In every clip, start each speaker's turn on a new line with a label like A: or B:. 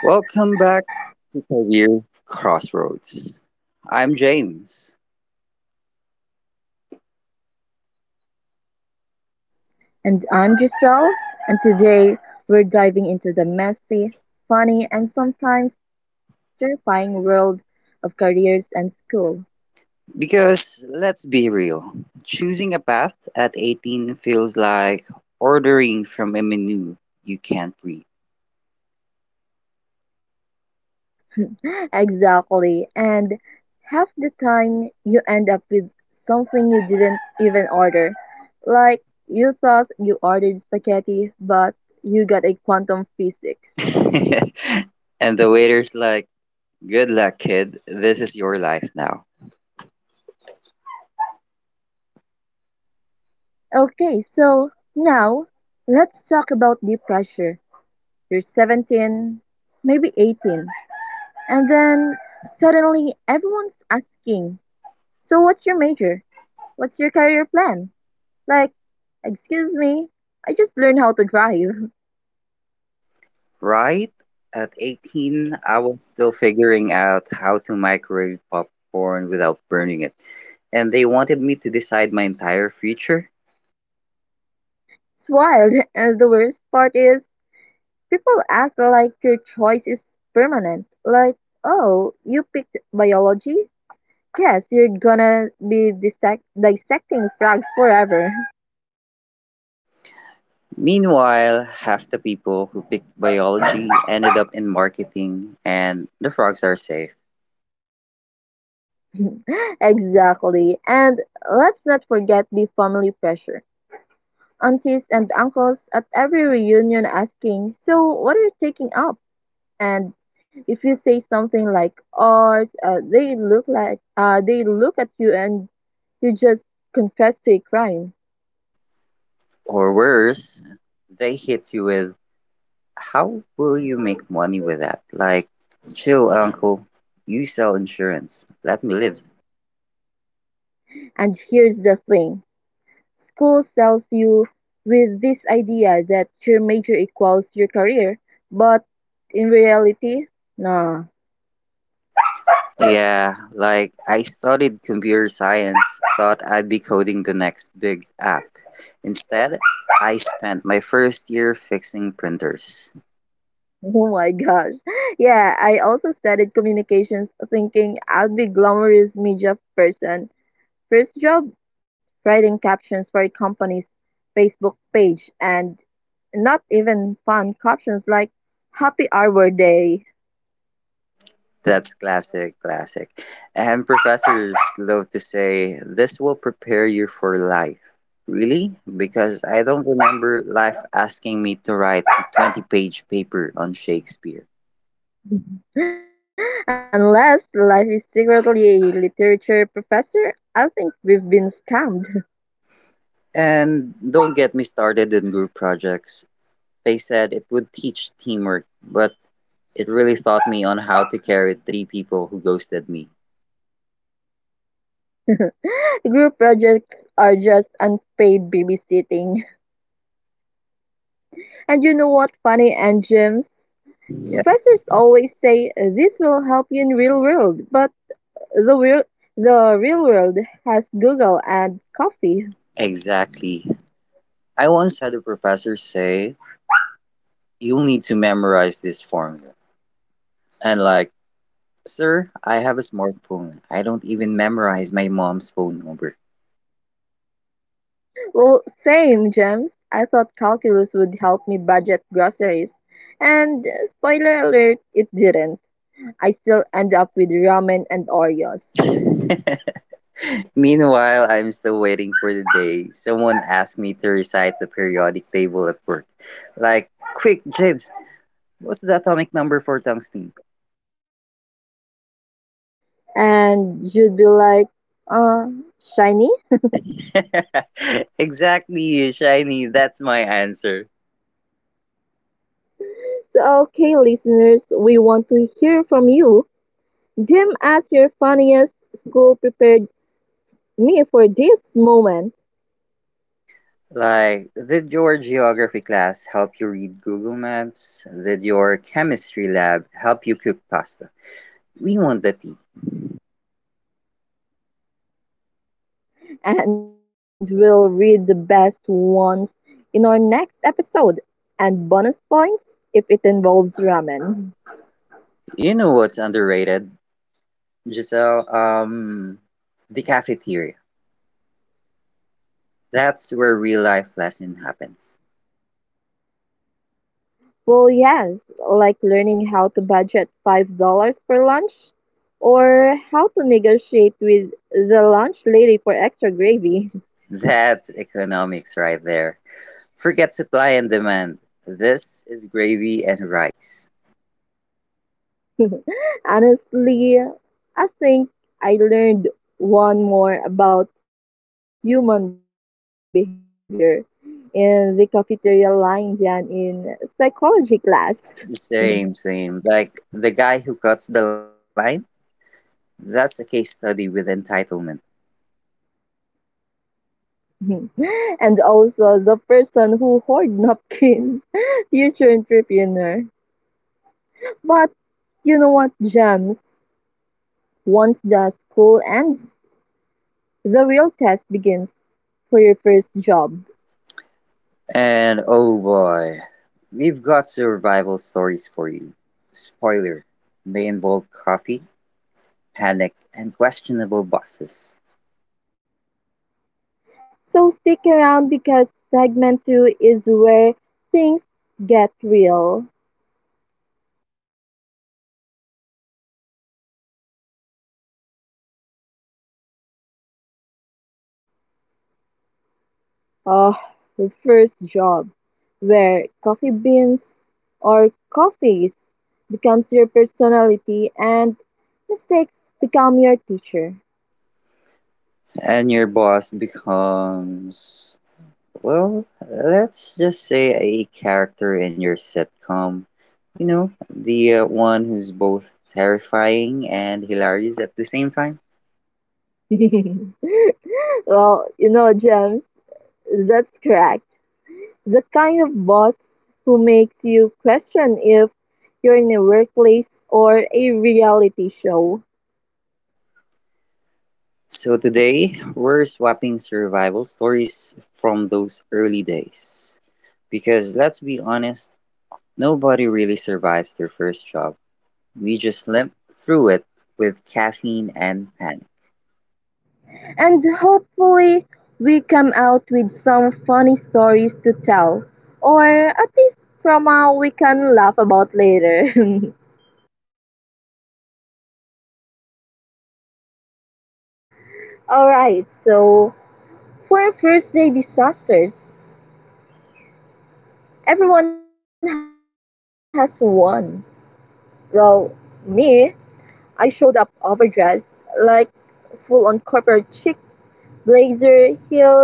A: Welcome back to Career Crossroads. I'm James.
B: And I'm Giselle, and today we're diving into the messy, funny, and sometimes terrifying world of careers and school.
A: Because let's be real, choosing a path at 18 feels like ordering from a menu you can't read.
B: Exactly, and half the time you end up with something you didn't even order. Like you thought you ordered spaghetti, but you got a quantum physics.
A: And the waiter's like, "Good luck, kid. This is your life now."
B: Okay, so now let's talk about the pressure. You're 17, maybe 18, And then suddenly everyone's asking, so what's your major? What's your career plan? Like, excuse me, I just learned how to drive.
A: Right? At 18, I was still figuring out how to microwave popcorn without burning it. And they wanted me to decide my entire future?
B: It's wild. And the worst part is, people act like your choice is permanent. Like, oh, you picked biology? Yes, you're gonna be dissecting frogs forever.
A: Meanwhile, half the people who picked biology ended up in marketing, and the frogs are safe.
B: Exactly. And let's not forget the family pressure, aunties and uncles at every reunion asking, so what are you taking up? And if you say something like art, they look like they look at you and you just confess to a crime.
A: Or worse, they hit you with, "How will you make money with that?" Like, chill, uncle. You sell insurance. Let me live.
B: And here's the thing, school sells you with this idea that your major equals your career, but in reality, nah.
A: Yeah, like, I studied computer science, thought I'd be coding the next big app. Instead, I spent my first year fixing printers.
B: Oh my gosh. Yeah, I also studied communications thinking I'd be glamorous media person. First job, writing captions for a company's Facebook page, and not even fun captions like Happy Arbor Day.
A: That's classic. And professors love to say, "This will prepare you for life." Really? Because I don't remember life asking me to write a 20-page paper on Shakespeare.
B: Unless life is secretly a literature professor, I think we've been scammed.
A: And don't get me started in group projects. They said it would teach teamwork, but it really taught me on how to carry three people who ghosted me.
B: Group projects are just unpaid babysitting. And you know what, Funny and Gems?
A: Yeah,
B: Professors always say this will help you in real world, but the real the real world has Google and coffee.
A: exactly. I once had a professor say, "You'll need to memorize this formula." And like, "Sir, I have a smartphone. I don't even memorize my mom's phone number."
B: Well, same, Gems. I thought calculus would help me budget groceries. And spoiler alert, it didn't. I still end up with ramen and Oreos.
A: Meanwhile, I'm still waiting for the day someone asks me to recite the periodic table at work. Like, quick, James, what's the atomic number for tungsten?
B: And you'd be like, uh, shiny?
A: Exactly, shiny, that's my answer.
B: So, okay, listeners, we want to hear from you. Dim us your funniest school prepared me for this moment.
A: Like, did your geography class help you read Google Maps? Did your chemistry lab help you cook pasta? We want the tea.
B: And we'll read the best ones in our next episode. And bonus points if it involves ramen.
A: You know what's underrated? Giselle, the cafeteria. That's where real life lesson happens.
B: Well, yes, like learning how to budget $5 for lunch or how to negotiate with the lunch lady for extra gravy.
A: That's economics right there. Forget supply and demand. This is gravy and rice.
B: Honestly, I think I learned one more about human behavior in the cafeteria line than in psychology class.
A: Same. Like the guy who cuts the line, that's a case study with entitlement.
B: Mhm. And also the person who hoard napkins, future entrepreneur. But you know what, Gems? Once the school ends, the real test begins for your first job.
A: And oh boy, we've got survival stories for you. Spoiler, they involve coffee, panic, and questionable bosses.
B: So stick around because segment two is where things get real. Uh, the first job, where coffee beans or coffees becomes your personality and mistakes become your teacher.
A: And your boss becomes, well, let's just say a character in your sitcom. You know, the one who's both terrifying and hilarious at the same time.
B: Well, you know, James, that's correct. The kind of boss who makes you question if you're in a workplace or a reality show.
A: So today, we're swapping survival stories from those early days. Because let's be honest, nobody really survives their first job. We just limp through it with caffeine and panic.
B: And hopefully we come out with some funny stories to tell, or at least trauma we can laugh about later. Alright, so for first day disasters, everyone has one. Well, me, I showed up overdressed, like full on corporate chic, blazer, heels, and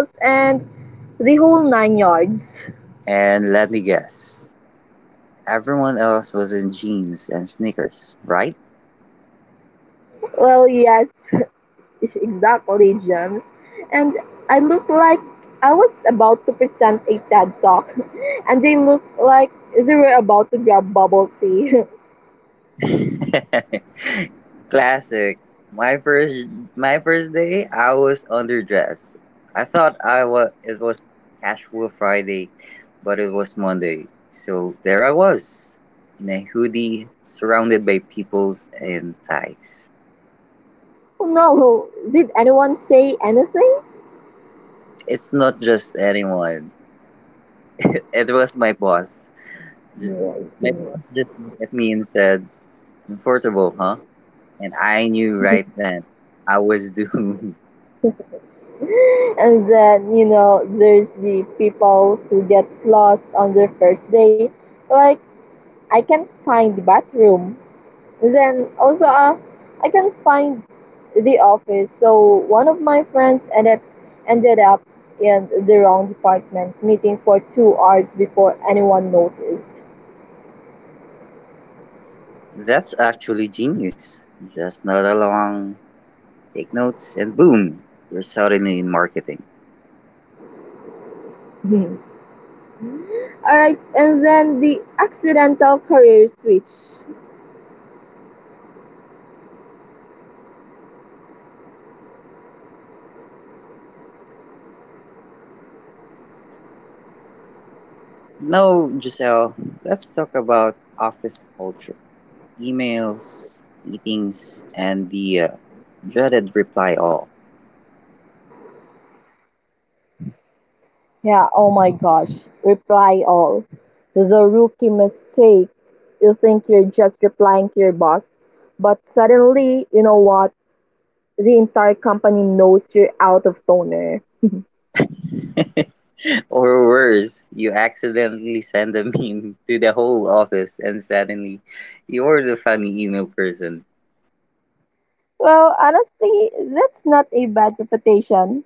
B: the whole nine yards.
A: And let me guess, everyone else was in jeans and sneakers, right?
B: Well, yes, exactly, James. And I looked like I was about to present a TED talk, and they looked like they were about to grab bubble tea.
A: Classic. My first my first day, I was underdressed. I thought I was it was casual Friday, but it was Monday. So there I was in a hoodie surrounded by peoples and ties.
B: Oh no, did anyone say anything?
A: It's not just anyone. It was my boss. Just,
B: Yeah, I
A: my
B: think—
A: boss just looked at me and said, "Comfortable, huh?" And I knew right then I was doomed.
B: and then, you know, there's the people who get lost on their first day. Like, I can't find the bathroom. Then also, I can find the office, so one of my friends ended up in the wrong department, meeting for 2 hours before anyone noticed.
A: That's actually genius. Just nod along, take notes, and boom, you're suddenly in marketing.
B: All right, and then the accidental career switch.
A: No, Giselle, let's talk about office culture, emails, meetings, and the dreaded reply all.
B: Yeah, oh my gosh. Reply all. The rookie mistake. You think you're just replying to your boss, but suddenly, you know what? The entire company knows you're out of toner.
A: Or worse, you accidentally send a meme to the whole office and suddenly you're the funny email person.
B: Well, honestly, that's not a bad reputation.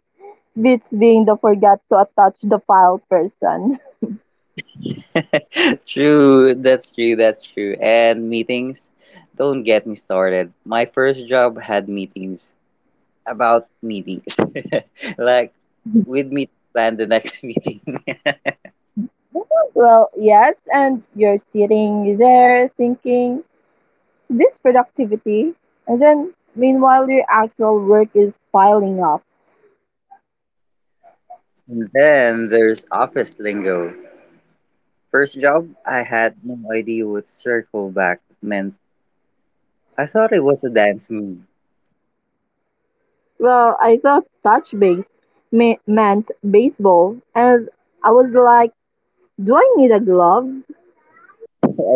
B: Beats being the forgot to attach the file person.
A: True, that's true. And meetings, don't get me started. My first job had meetings about meetings. Like, with me meet plan the next meeting.
B: Well, yes, and you're sitting there thinking, so this productivity, and then meanwhile your actual work is piling up.
A: And then there's office lingo. First job, I had no idea what circle back meant. I thought it was a dance move.
B: Well, I thought touch base meant baseball, and I was like, do I need a glove?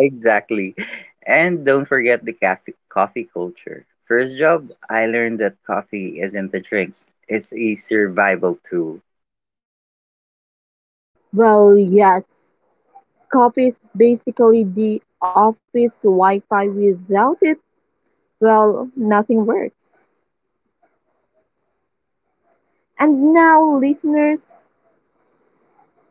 A: Exactly. And don't forget the coffee culture. First job, I learned that coffee isn't a drink, it's a survival tool.
B: Well, yes. Coffee is basically the office Wi Fi without it, well, nothing works. And now, listeners,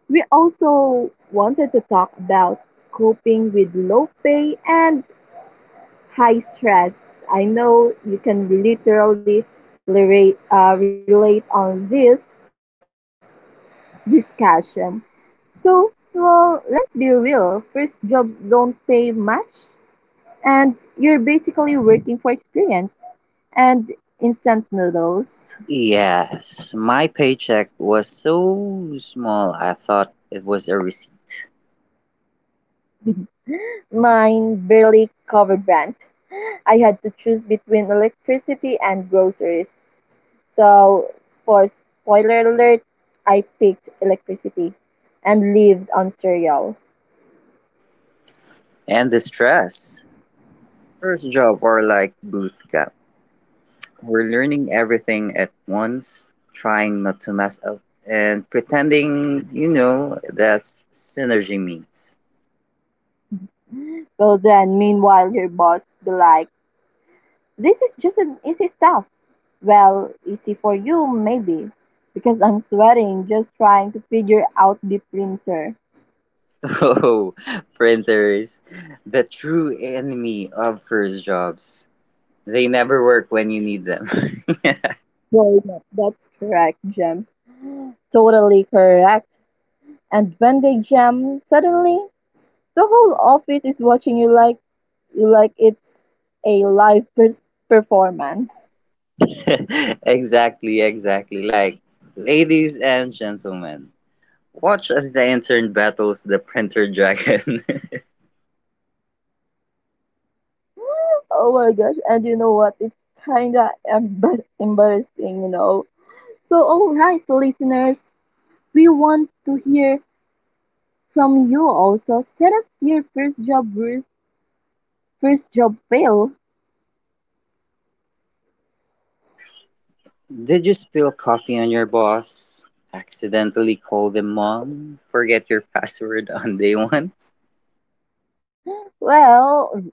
B: we also wanted to talk about coping with low pay and high stress. I know you can literally relate on this discussion. So, well, let's be real. First jobs don't pay much, and you're basically working for experience and instant noodles.
A: Yes, my paycheck was so small, I thought it was a receipt.
B: Mine barely covered rent. I had to choose between electricity and groceries. So, for spoiler alert, I picked electricity and lived on cereal.
A: And the stress. First job or like booth camp. We're learning everything at once, trying not to mess up, and pretending, you know, that's synergy meat.
B: Well, then, meanwhile, your boss be like, this is just an easy stuff. Well, easy for you, maybe, because I'm sweating just trying to figure out the printer.
A: Oh, printers. The true enemy of first jobs. They never work when you need them.
B: Boy, that's correct, Gems. Totally correct. And when they jam, suddenly the whole office is watching you like it's a performance.
A: Exactly Like, ladies and gentlemen, watch as the intern battles the printer dragon.
B: Oh my gosh! And you know what? It's kinda embarrassing, you know. So, all right, listeners, we want to hear from you also. Send us your first job bruise, first job fail.
A: Did you spill coffee on your boss? Accidentally call them mom? Forget your password on day one?
B: Well,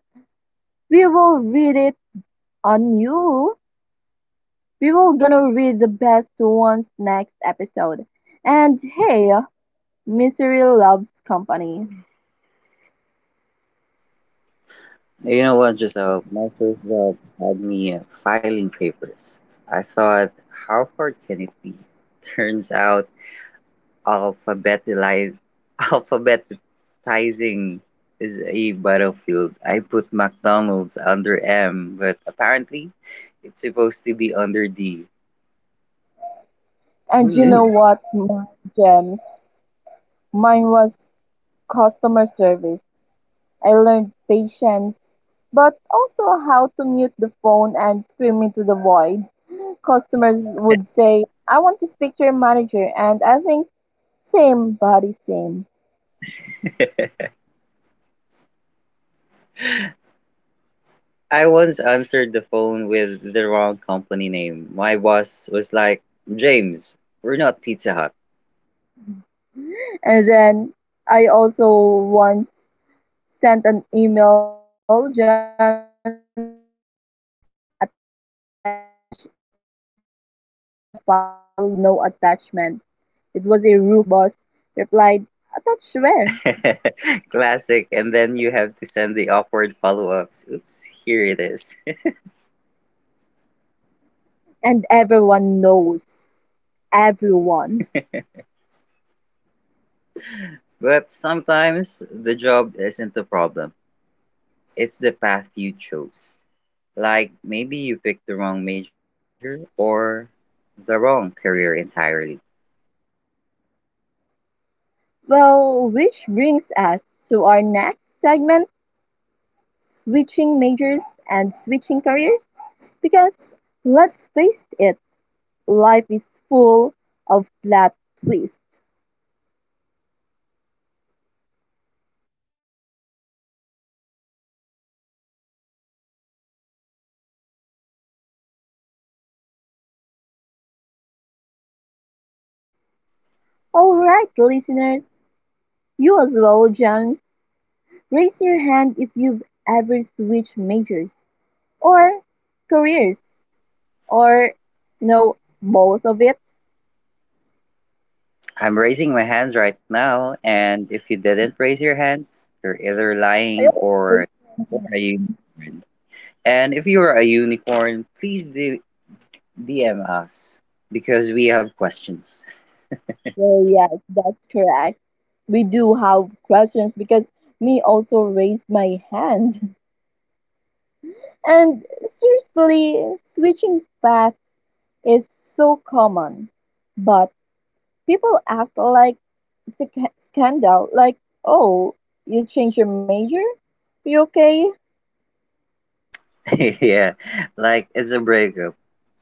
B: we will read it on you. We were gonna read the best ones next episode. And hey, misery loves company.
A: You know what, Giselle? My first job had me filing papers. I thought, how hard can it be? Turns out, alphabetize, alphabetizing is a battlefield. I put McDonald's under M, but apparently, it's supposed to be under D. Who
B: And you know
A: knew?
B: what, my Gems? Mine was customer service. I learned patience, but also how to mute the phone and scream into the void. Customers would say, I want to speak to your manager. And I think, same body, same.
A: I once answered the phone with the wrong company name. My boss was like, "James, we're not Pizza Hut."
B: And then I also once sent an email, James, attached is the file with no attachment. It was a rookie mistake. Then my boss replied, attached where?
A: Classic, and then you have to send the awkward follow ups. Oops, here it is.
B: And everyone knows. Everyone.
A: But sometimes the job isn't the problem, it's the path you chose. Like maybe you picked the wrong major or the wrong career entirely.
B: Well, which brings us to our next segment, switching majors and switching careers. Because let's face it, life is full of plot twists. All right, listeners, you as well, James. Raise your hand if you've ever switched majors, or careers, or no, both of it.
A: I'm raising my hands right now, and if you didn't raise your hand, you're either
B: I
A: lying
B: also.
A: or you're a unicorn. And if you are a unicorn, please do DM us because we have questions.
B: Well, yes, that's correct. We do have questions because me also raised my hand. And seriously, switching paths is so common, but people act like it's a scandal. Like, oh, you change your major? You okay?
A: Yeah, like it's a breakup.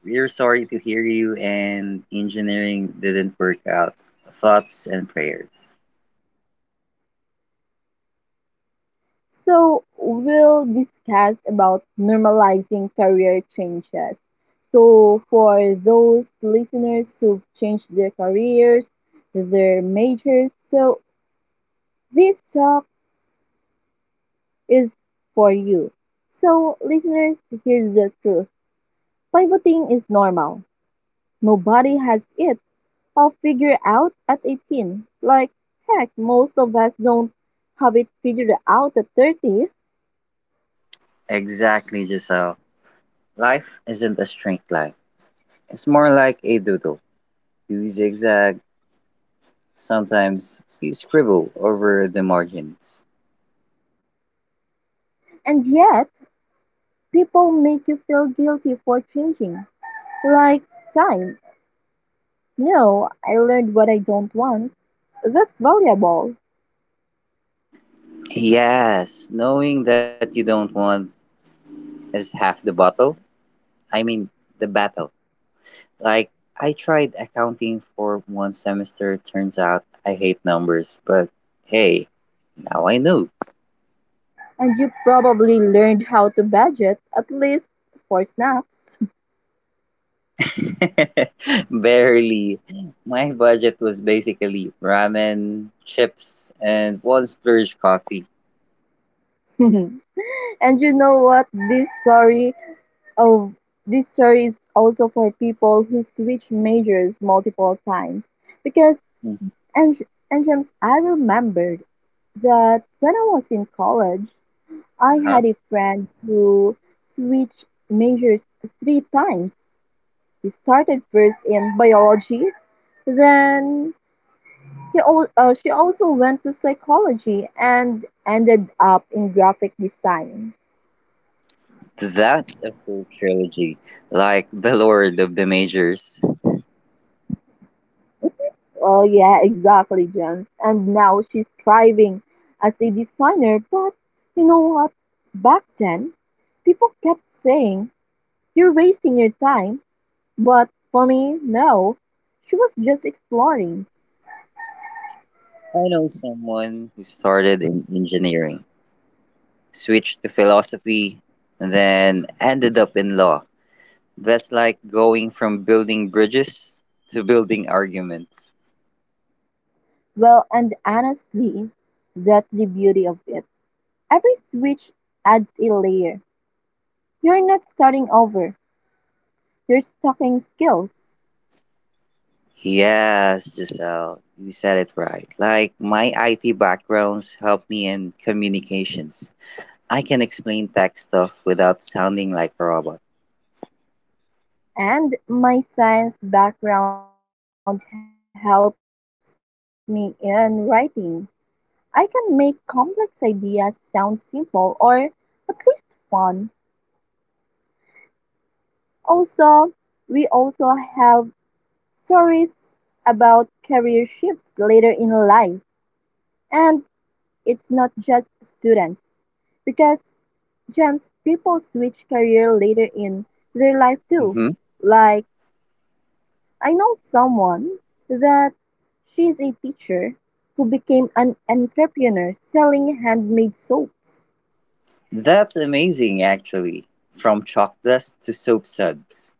A: We're sorry to hear you, and engineering didn't work out. Thoughts and prayers.
B: So we'll discuss about normalizing career changes. So for those listeners who've changed their careers, their majors, so this talk is for you. So listeners, here's the truth. Pivoting is normal. Nobody has it all figured out at 18. Like heck, most of us don't have it figured out at 30.
A: Exactly, Giselle. Life isn't a straight line, it's more like a doodle. You zigzag, sometimes you scribble over the margins.
B: And yet, people make you feel guilty for changing. Like, time. No, I learned what I don't want. That's valuable.
A: Yes, knowing that you don't want is half the bottle. I mean, the battle. Like, I tried accounting for one semester. Turns out I hate numbers, but hey, now I know.
B: And you probably learned how to budget, at least for snacks.
A: Barely. My budget was basically ramen, chips, and one splurge coffee.
B: And you know what? Of this story is also for people who switch majors multiple times. Because
A: Mhm.
B: and and James, I remembered that when I was in college, I
A: Uh-huh.
B: had a friend who switched majors three times. He started first in biology, then she also went to psychology and ended up in graphic design.
A: That's a full trilogy, like the Lord of the Majors.
B: Oh yeah, exactly, James. And now she's thriving as a designer. But you know what? Back then, people kept saying, you're wasting your time. But for me, no. She was just exploring.
A: I know someone who started in engineering, switched to philosophy, and then ended up in law. That's like going from building bridges to building arguments.
B: Well, and honestly, that's the beauty of it. Every switch adds a layer. You're not starting over, you're stocking skills.
A: Yes, Giselle, you said it right. Like, my IT backgrounds help me in communications. I can explain tech stuff without sounding like a robot.
B: And my science background helps me in writing. I can make complex ideas sound simple, or at least fun. Also, we also have stories about career shifts later in life. And it's not just students because, Gems, people switch career later in their life too.
A: Hmm.
B: Like I know someone that she's a teacher who became an entrepreneur selling handmade soaps.
A: That's amazing, actually. From chalk dust to soap suds.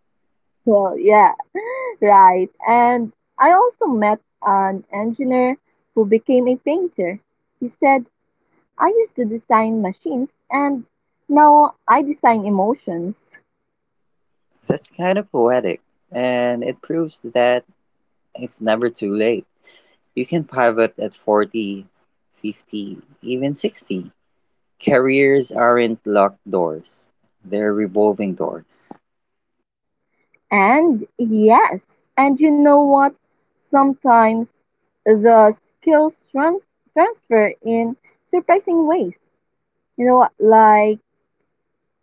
B: Well, yeah, right. And I also met an engineer who became a painter. He said, I used to design machines and now I design emotions.
A: That's kind of poetic, and it proves that it's never too late. You can pivot at 40, 50, even 60. Careers aren't locked doors, they're revolving doors.
B: And yes, and you know what? Sometimes the skills transfer in surprising ways. You know, like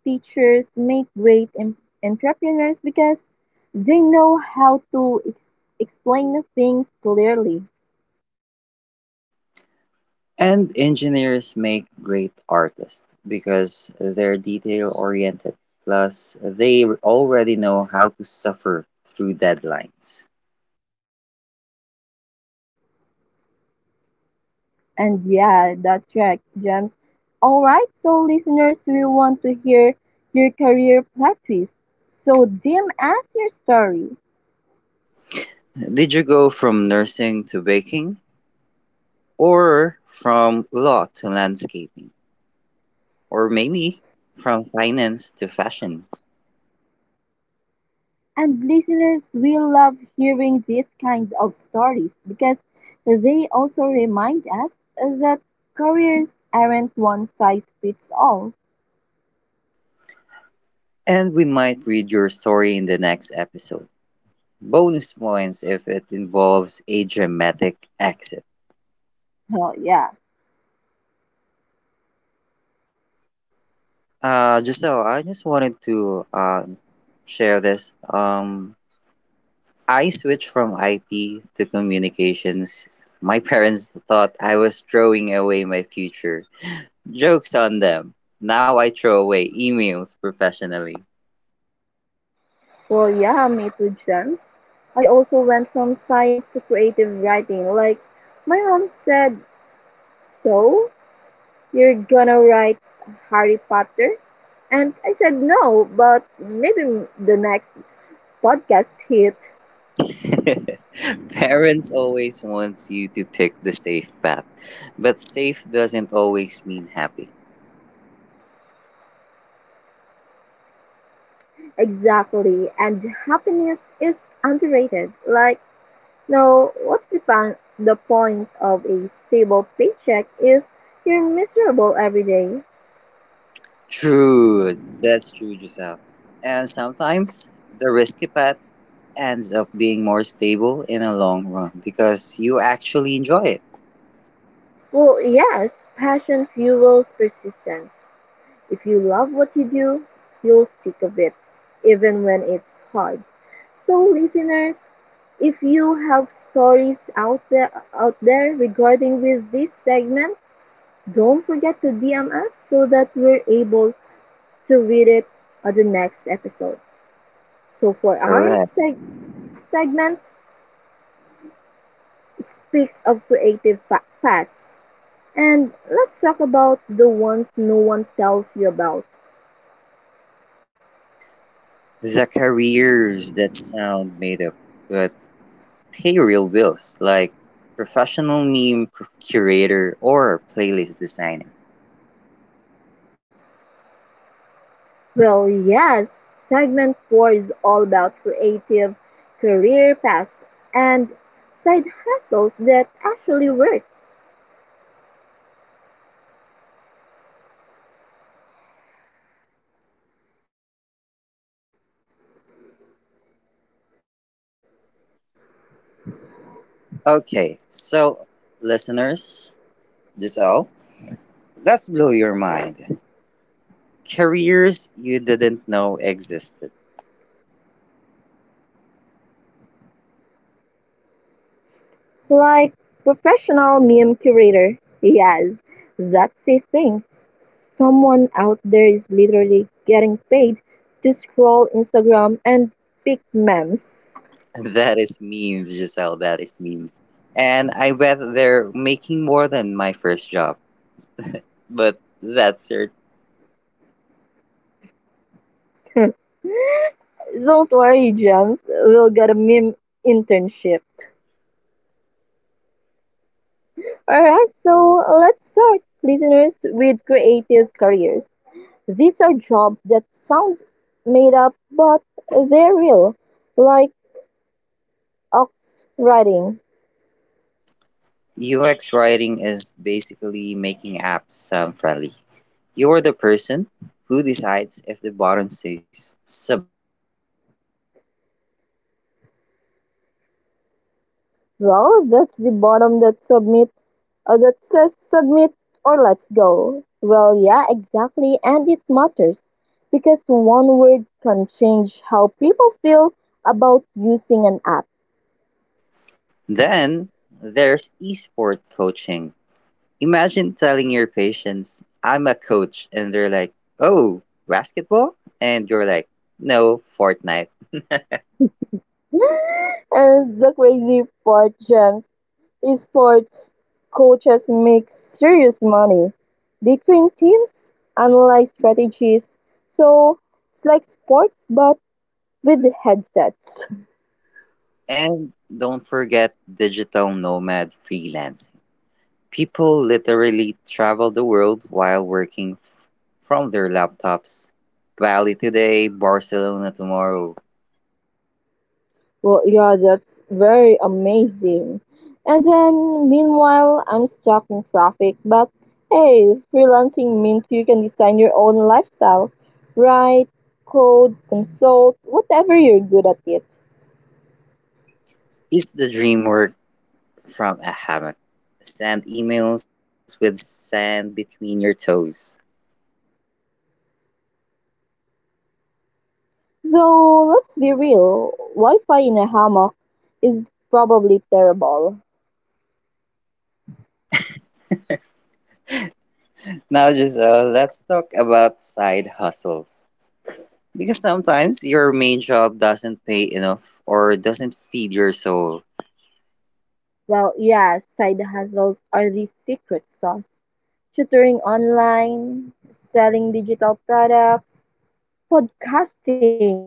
B: teachers make great entrepreneurs because they know how to explain things clearly.
A: And engineers make great artists because they're detail oriented. Plus, they already know how to suffer through deadlines.
B: And yeah, that's right, James. All right, so listeners, we want to hear your career plot twist. So DM us your story.
A: Did you go from nursing to baking? Or from law to landscaping? Or maybe from finance to fashion?
B: And listeners will love hearing these kinds of stories because they also remind us that careers aren't one size fits all.
A: And we might read your story in the next episode. Bonus points if it involves a dramatic exit.
B: Oh, yeah.
A: Giselle, I just wanted to share this. I switched from IT to communications. My parents thought I was throwing away my future. Jokes on them. Now I throw away emails professionally.
B: Well, yeah, me too, James. I also went from science to creative writing. Like, my mom said, so you're gonna write Harry Potter? And I said, no, but maybe the next podcast hit.
A: Parents always wants you to pick the safe path, but safe doesn't always mean happy.
B: Exactly, and happiness is underrated. Like, no, what's the, the point of a stable paycheck if you're miserable every day?
A: True, that's true, Giselle. And sometimes the risky path ends up being more stable in the long run because you actually enjoy it.
B: Well, yes, passion fuels persistence. If you love what you do, you'll stick with it, even when it's hard. So, listeners, if you have stories out there regarding with this segment, don't forget to DM us so that we're able to read it on the next episode. So, for our
A: Correct.
B: segment, it speaks of creative paths. And let's talk about the ones no one tells you about.
A: The careers that sound made up but pay real bills, like professional meme curator or playlist designer.
B: Well, yes, segment 4 is all about creative career paths and side hustles that actually work.
A: Okay, so listeners, Giselle, let's blow your mind. Careers you didn't know existed.
B: Like professional meme curator, yes, that's a thing. Someone out there is literally getting paid to scroll Instagram and pick memes.
A: That is memes, Giselle. That is memes. And I bet they're making more than my first job. But that's it.
B: Don't worry, Gems, we'll get a meme internship. Alright, so let's start, listeners, with creative careers. These are jobs that sound made up, but they're real, like ox riding.
A: UX writing is basically making apps sound friendly. You are the person who decides if the button says submit or let's go.
B: Well, that's the bottom that submit that says submit or let's go. Well, yeah, exactly, and it matters because one word can change how people feel about using an app.
A: Then there's esport coaching. Imagine telling your patients, "I'm a coach," and they're like, "Oh, basketball?" And you're like, "No, Fortnite."
B: And the crazy part, James, is sports coaches make serious money. They train teams, analyze strategies, so it's like sports but with headsets.
A: And don't forget digital nomad freelancing. People literally travel the world while working from their laptops. Bali today, Barcelona tomorrow.
B: Well, yeah, that's very amazing. And then, meanwhile, I'm stuck in traffic. But hey, freelancing means you can design your own lifestyle. Write, code, consult, whatever you're good at it.
A: Is the dream work from a hammock? Send emails with sand between your toes.
B: Though, let's be real, Wi Fi in a hammock is probably terrible.
A: Now, just let's talk about side hustles. Because sometimes your main job doesn't pay enough or doesn't feed your soul.
B: Well, yeah, side hustles are the secret sauce. Tutoring online, selling digital products, podcasting.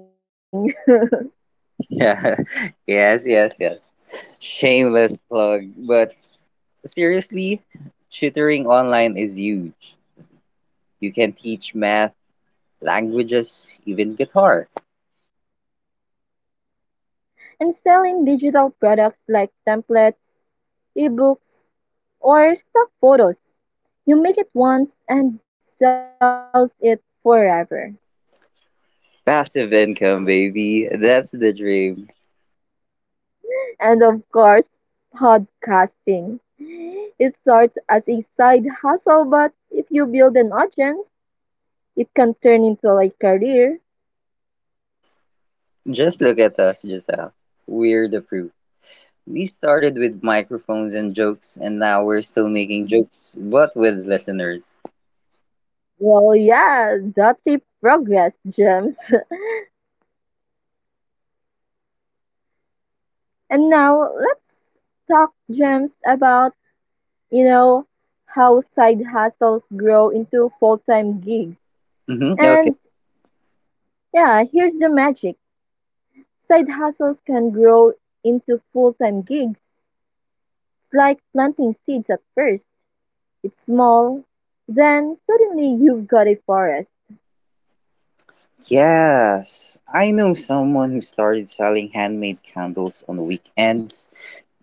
A: Yeah. Yes Shameless plug, but seriously, tutoring online is huge. You can teach math, languages, even guitar.
B: And selling digital products like templates, ebooks, or stock photos. You make it once and sells it forever.
A: Passive income, baby. That's the dream.
B: And of course, podcasting. It starts as a side hustle, but if you build an audience, it can turn into a career.
A: Just look at us, Giselle. We're the proof. We started with microphones and jokes, and now we're still making jokes, but with listeners.
B: Well, yeah, that's a progress, Gems. And now let's talk, Gems, about you know how side hustles grow into full-time gigs.
A: Hmm. Okay.
B: And yeah, here's the magic. Side hustles can grow into full-time gigs. It's like planting seeds. At first it's small, then suddenly you've got a forest.
A: Yes, I know someone who started selling handmade candles on the weekends.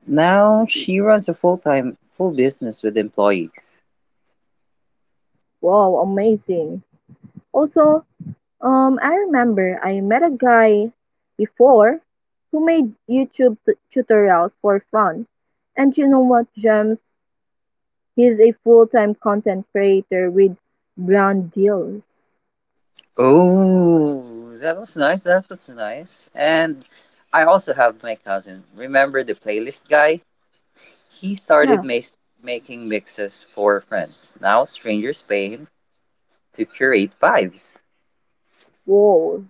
A: Now she runs a full-time full business with employees.
B: Wow, amazing. Also, I remember I met a guy before who made YouTube tutorials for fun. And you know what, Gems? He is a full-time content creator with brand deals.
A: Oh, that was nice. That was nice. And I also have my cousin. Remember the playlist guy? He started
B: Yeah,
A: making mixes for friends. Now strangers pay him to curate vibes.
B: whoa,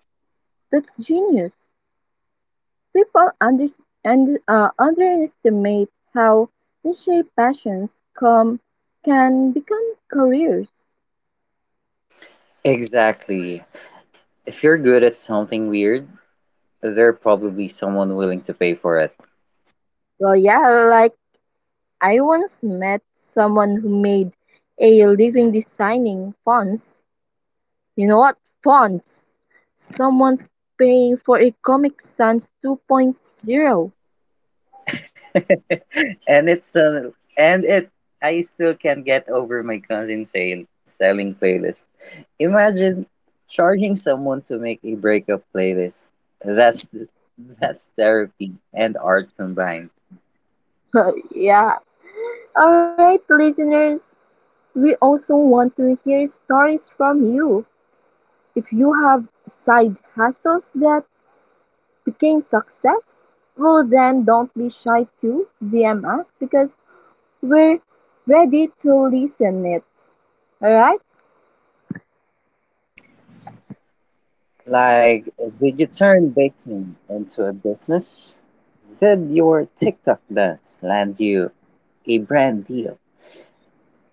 B: that's genius. People under, Underestimate how niche passions come can become careers.
A: Exactly. If you're good at something weird, there's probably someone willing to pay for it.
B: Well, yeah, like I once met someone who made a living designing fonts. You know what? Fonts. Someone's paying for a Comic Sans 2.0.
A: and it's the and it I still can't get over my cousin sale selling playlist. Imagine charging someone to make a breakup playlist. That's that's therapy and art combined.
B: Yeah, alright, listeners, we also want to hear stories from you. If you have side hustles that became success, well, then don't be shy to DM us because we're ready to listen it. Alright?
A: Like, did you turn baking into a business? Did your TikTok dance land you a brand deal?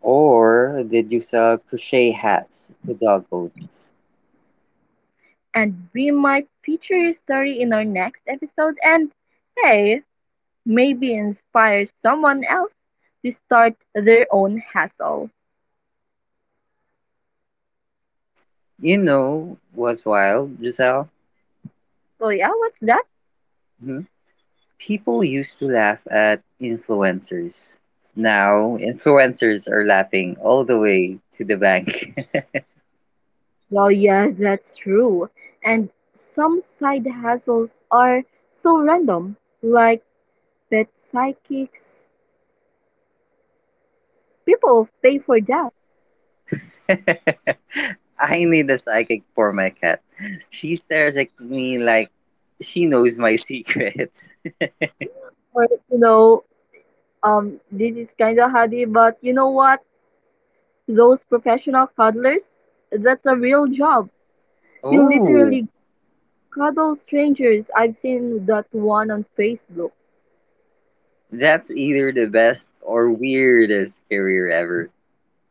A: Or did you sell crochet hats to dog owners?
B: And we might feature your story in our next episode and, hey, maybe inspire someone else to start their own hustle.
A: You know what's wild, Giselle?
B: So, yeah, what's that?
A: People used to laugh at influencers. Now, influencers are laughing all the way to the bank.
B: Well, yeah, that's true. And some side hustles are so random, like pet psychics. People pay for that.
A: I need a psychic for my cat. She stares at me like she knows my secrets.
B: Or, you know, this is kind of hardy, but you know what? Those professional cuddlers, that's a real job. You
A: Oh,
B: literally cuddle strangers. I've seen that one on Facebook.
A: that's either the best or weirdest career ever.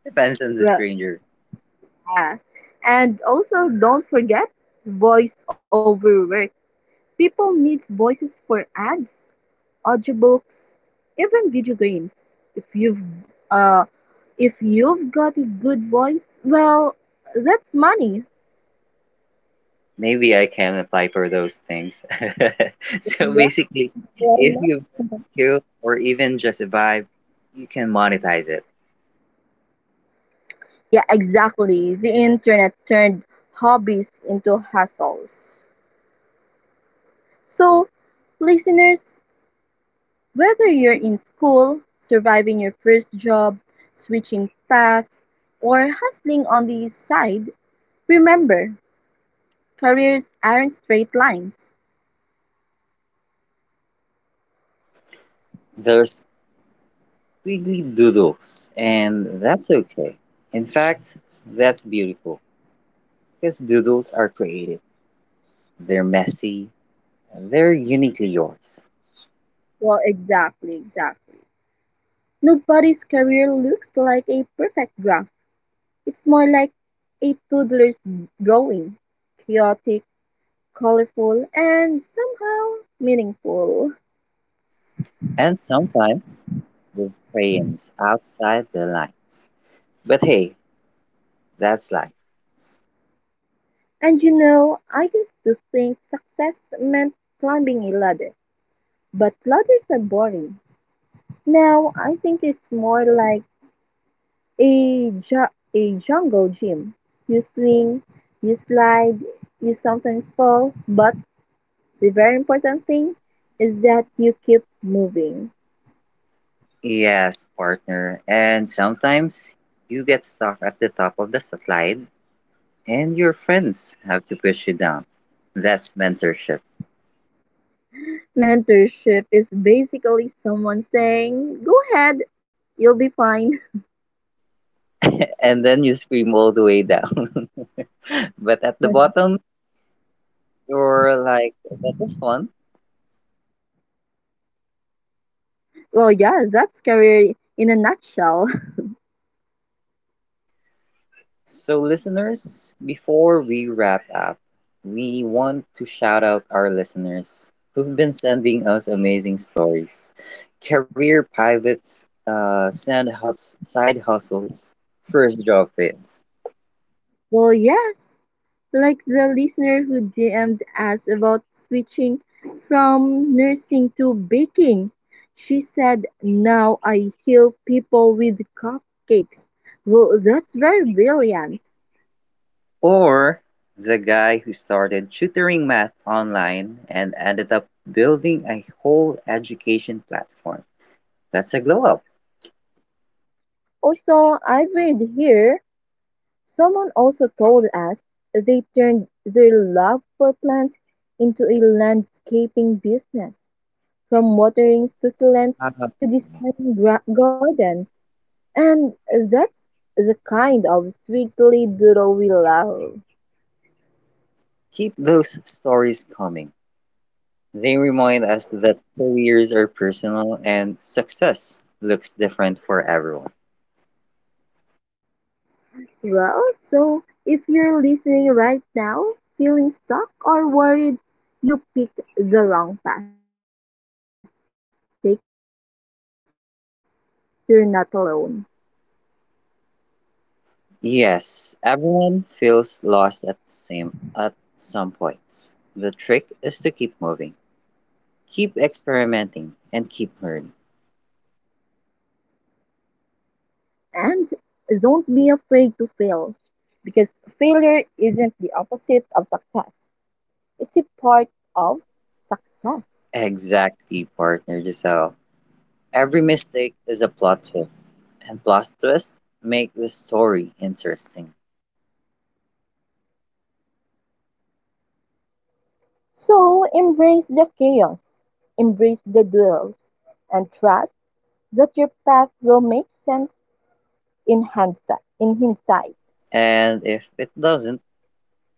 A: Depends on the
B: Well,
A: stranger.
B: yeah. And also, don't forget voice over work. People need voices for ads, audiobooks, even video games. If you've uh, if you've got a good voice, well, that's money.
A: Maybe I can apply for those things.
B: Yeah,
A: So basically,
B: why not?
A: if you've
B: Mhm.
A: skill or even just a vibe, you can monetize it.
B: Yeah, exactly. The internet turned hobbies into hustles. So, listeners, whether you're in school, surviving your first job, switching paths, or hustling on the side, remember, careers aren't straight lines.
A: There's squiggly doodles, and that's okay. In fact, that's beautiful because doodles are creative. They're messy, they're uniquely yours.
B: Well, exactly, exactly. Nobody's career looks like a perfect graph. It's more like a toddler's drawing. Chaotic, colorful, and somehow meaningful.
A: And sometimes with crayons outside the line. But hey, that's life.
B: And you know, I used to think success meant climbing a ladder, but ladders are boring. Now I think it's more like a jungle gym. You swing, you slide, you sometimes fall, but the very important thing is that you keep moving.
A: Yes, partner. And sometimes you get stuck at the top of the slide and your friends have to push you down. That's mentorship.
B: Mentorship is basically someone saying, "Go ahead, you'll be fine."
A: And then you scream all the way down. But at the bottom, you're like, that was fun.
B: Well, yeah, that's career in a nutshell.
A: So, listeners, before we wrap up, we want to shout out our listeners who've been sending us amazing stories, career pivots, side hustles, first job fails,
B: Well, yes, like the listener who DM'd us about switching from nursing to baking. She said, "Now I heal people with cupcakes." Well, that's very brilliant.
A: or the guy who started tutoring math online and ended up building a whole education platform. That's a glow up.
B: Also, I've read here someone also told us they turned their love for plants into a landscaping business, from watering succulents
A: Uh,
B: to designing gardens. And that's the kind of sweetly doodle we love.
A: Keep those stories coming. They remind us that careers are personal and success looks different for everyone.
B: Well, so if you're listening right now, feeling stuck or worried, you picked the wrong path. Take a breath, you're not alone.
A: Yes, everyone feels lost at the same at some points. The trick is to keep moving, keep experimenting, and keep learning.
B: And don't be afraid to fail because failure isn't the opposite of success, it's a part of success.
A: Exactly, partner Giselle. Every mistake is a plot twist, and plot twists make the story interesting.
B: So embrace the chaos, embrace the duels, and trust that your path will make sense in hindsight. In hindsight.
A: And if it doesn't,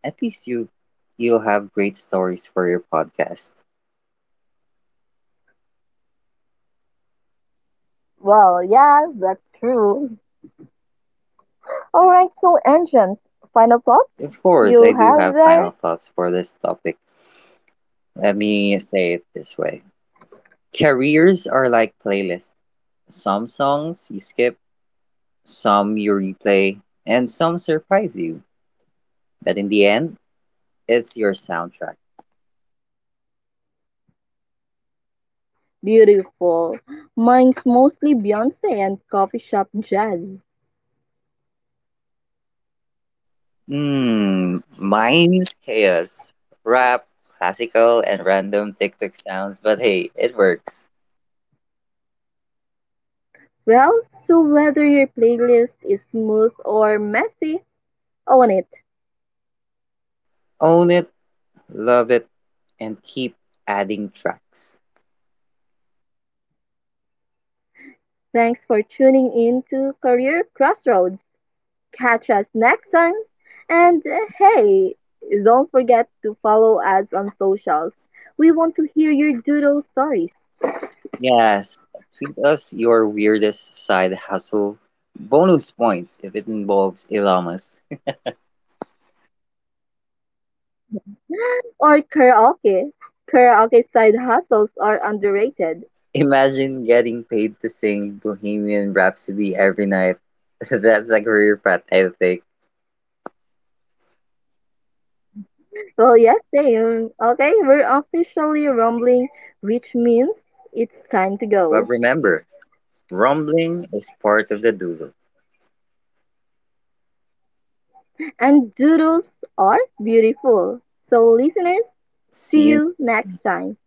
A: at least you'll have great stories for your podcast.
B: Well, yes, that's true. All right, so engines, final thoughts you have
A: Of
B: there?
A: course, I do have final thoughts for this topic. Let me say it this way. Careers are like playlists. Some songs you skip, some you replay, and some surprise you. But in the end, it's your soundtrack.
B: Beautiful. Mine's mostly Beyonce and coffee shop jazz.
A: Hmm, mine's chaos. Rap, classical, and random TikTok sounds, but hey, it works.
B: Well, so whether your playlist is smooth or messy, own it.
A: Own it, love it, and keep adding tracks.
B: Thanks for tuning in to Career Crossroads. Catch us next time. And hey, don't forget to follow us on socials. We want to hear your doodle stories.
A: Yes, tweet us your weirdest side hustle. Bonus points if it involves llamas.
B: Or karaoke. Karaoke side hustles are underrated.
A: Imagine getting paid to sing Bohemian Rhapsody every night. That's a career path, I think.
B: Well, yes, same. Okay, we're officially rumbling, which means it's time to
A: But
B: go.
A: remember, rumbling is part of the doodle.
B: And doodles are beautiful. So, listeners,
A: See
B: see
A: you
B: you next time.